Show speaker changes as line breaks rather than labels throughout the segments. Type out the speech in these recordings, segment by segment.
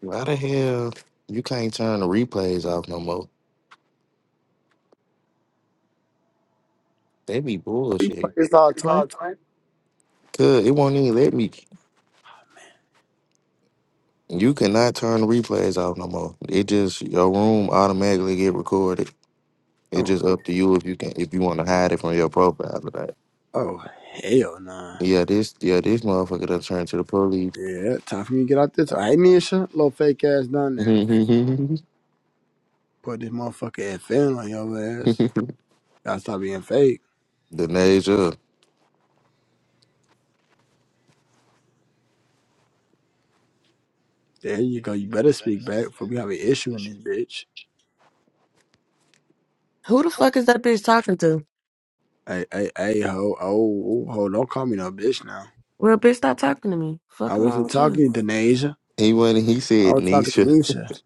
Why the hell you can't turn the replays off no more? They be
We
bullshit.
praise our twin.
Cause it won't even let me. You cannot turn the replays off no more. It just your room automatically get recorded. It's
Oh,
just up to you if you can if you want to hide it from your profile or that.
oh, hell nah.
Yeah, this yeah this motherfucker done turned to the police.
Yeah, time for me to get out this. I Nisha. Little fake ass down there.
the
Put this motherfucker FN on your ass. Gotta stop being fake.
Nasia.
There you go. You better speak back before we have an issue in this bitch.
Who the fuck is that bitch talking to?
Hey, hey, hey, ho, oh, ho, don't call me no bitch now.
Well, bitch, stop talking to me.
I
Fuck wrong
wasn't
with you?
talking to Denasia.
He went and he
I
said
was talking to
Nisha.
Nisha.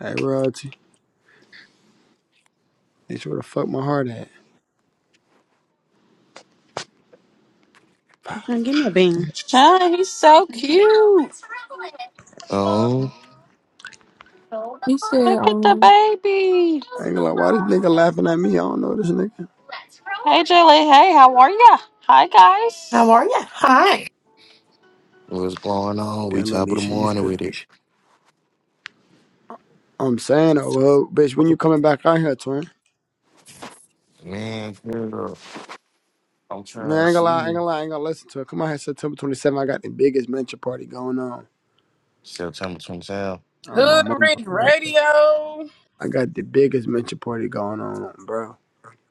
Hey, royalty. Nisha, where the fuck my heart at?
You
I
couldn't give me a bean.
Oh, he's so cute.
Oh,
You said,
Look at the
um,
baby.
ain't gonna lie, why this nigga laughing at me? I don't know this nigga.
Hey, Julie. Hey, how are ya? Hi, guys.
How are you? Hi.
what's going on? We
Damn, little
top of the
Nisha,
morning
you
with it.
I'm saying, oh, well, bitch, when you coming back out here, twin?
Man, girl, I'm
Man,
trying
I
to
ain't gonna
see
lie, I ain't
you.
gonna lie, I ain't gonna listen to it. Come out here September 27th. I got the biggest mentor party going on.
September 27th.
Oh, my
Hood
mama.
Rich
I got the,
Radio.
I got the biggest mentor party going on, bro.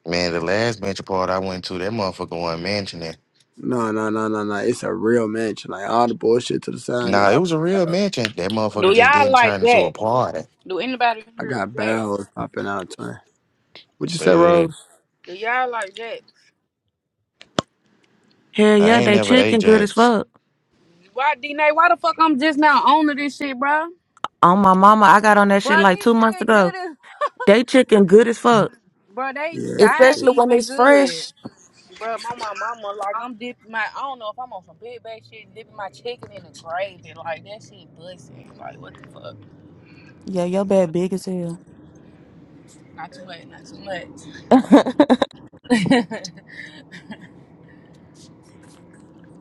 Man, the last mansion party I went to, that motherfucker wasn't mansioning.
No, no, no, no, no. It's a real mansion. Like, all the bullshit to the side.
Nah, it
nigga.
was a real mansion. That motherfucker
Do
just
y'all
didn't
like
turn into a
Jax?
party.
Do anybody
I, I
here is
got
Jax?
barrels popping out, twin. What you say,
Say that.
Rose?
Do y'all like Jax?
hell
I
yeah,
ain't
they
never
chicken good as
Ajax.
fuck.
Why, d N A? why the fuck I'm just now owning this shit, bro?
On my mama, I got on that
Bro,
shit
this
like two months
shit good
ago.
as...
They chicken good as fuck,
Bro, they
Yeah,
size
especially when
even
it's
good.
fresh.
Bro, my mama, mama, like, I'm dipping my... I don't know if I'm on some big bag shit, dipping my chicken in the gravy. Like, that shit busting. Like, what the fuck?
Yeah, your bad big as hell.
Not too much, not too much.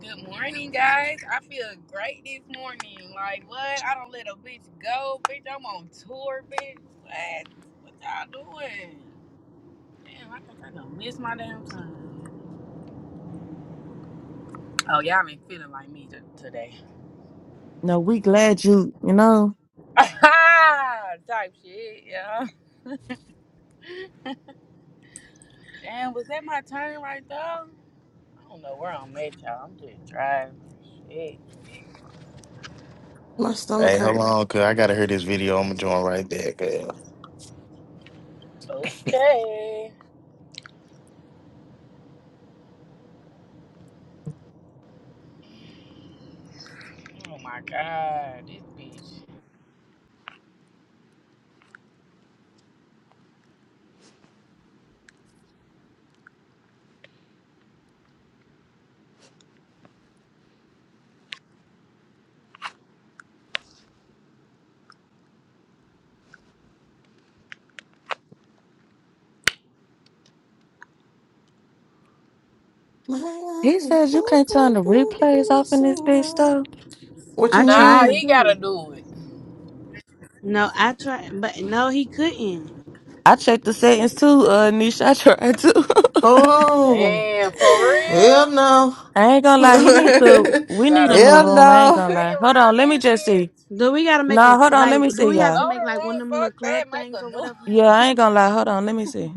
Good morning, guys. I feel great this morning. Like, what? I don't let a bitch go, bitch. I'm on tour, bitch. What? What y'all doing? Damn, I think I done missed my damn time. Oh, y'all ain't feeling like me t- today.
no, we glad you, you know.
Type shit, yeah. Damn, was that my turn right there? I don't know where I'm at, y'all. I'm just driving. Shit.
Okay.
Hey, hold on, cuz I gotta hear this video. I'm gonna join right there, cuz.
Okay. Oh my god, this bitch.
He says you can't turn the replays off in this bitch though.
What you
I
Nah,
tried
he
mean?
gotta
too.
do it.
No, I tried, but no, he couldn't.
I checked the settings too, uh, Nisha. I tried to.
Oh,
Damn, for
hell
real?
no.
I ain't gonna lie. He need to. We need a
Gotta
new
hell
watch what
room. I
you
ain't
no.
say
gonna lie. Hold on.
around
Let me
this
just see.
bitch.
Do we gotta make a
Nah, hold on.
like?
Let me
Do
see,
we have to
y'all.
Blow
make
the
like
room,
one of them little
fuck that,
club
make
things
a
or
new
whatever?
Yeah, I ain't gonna lie. Hold on. Let me see.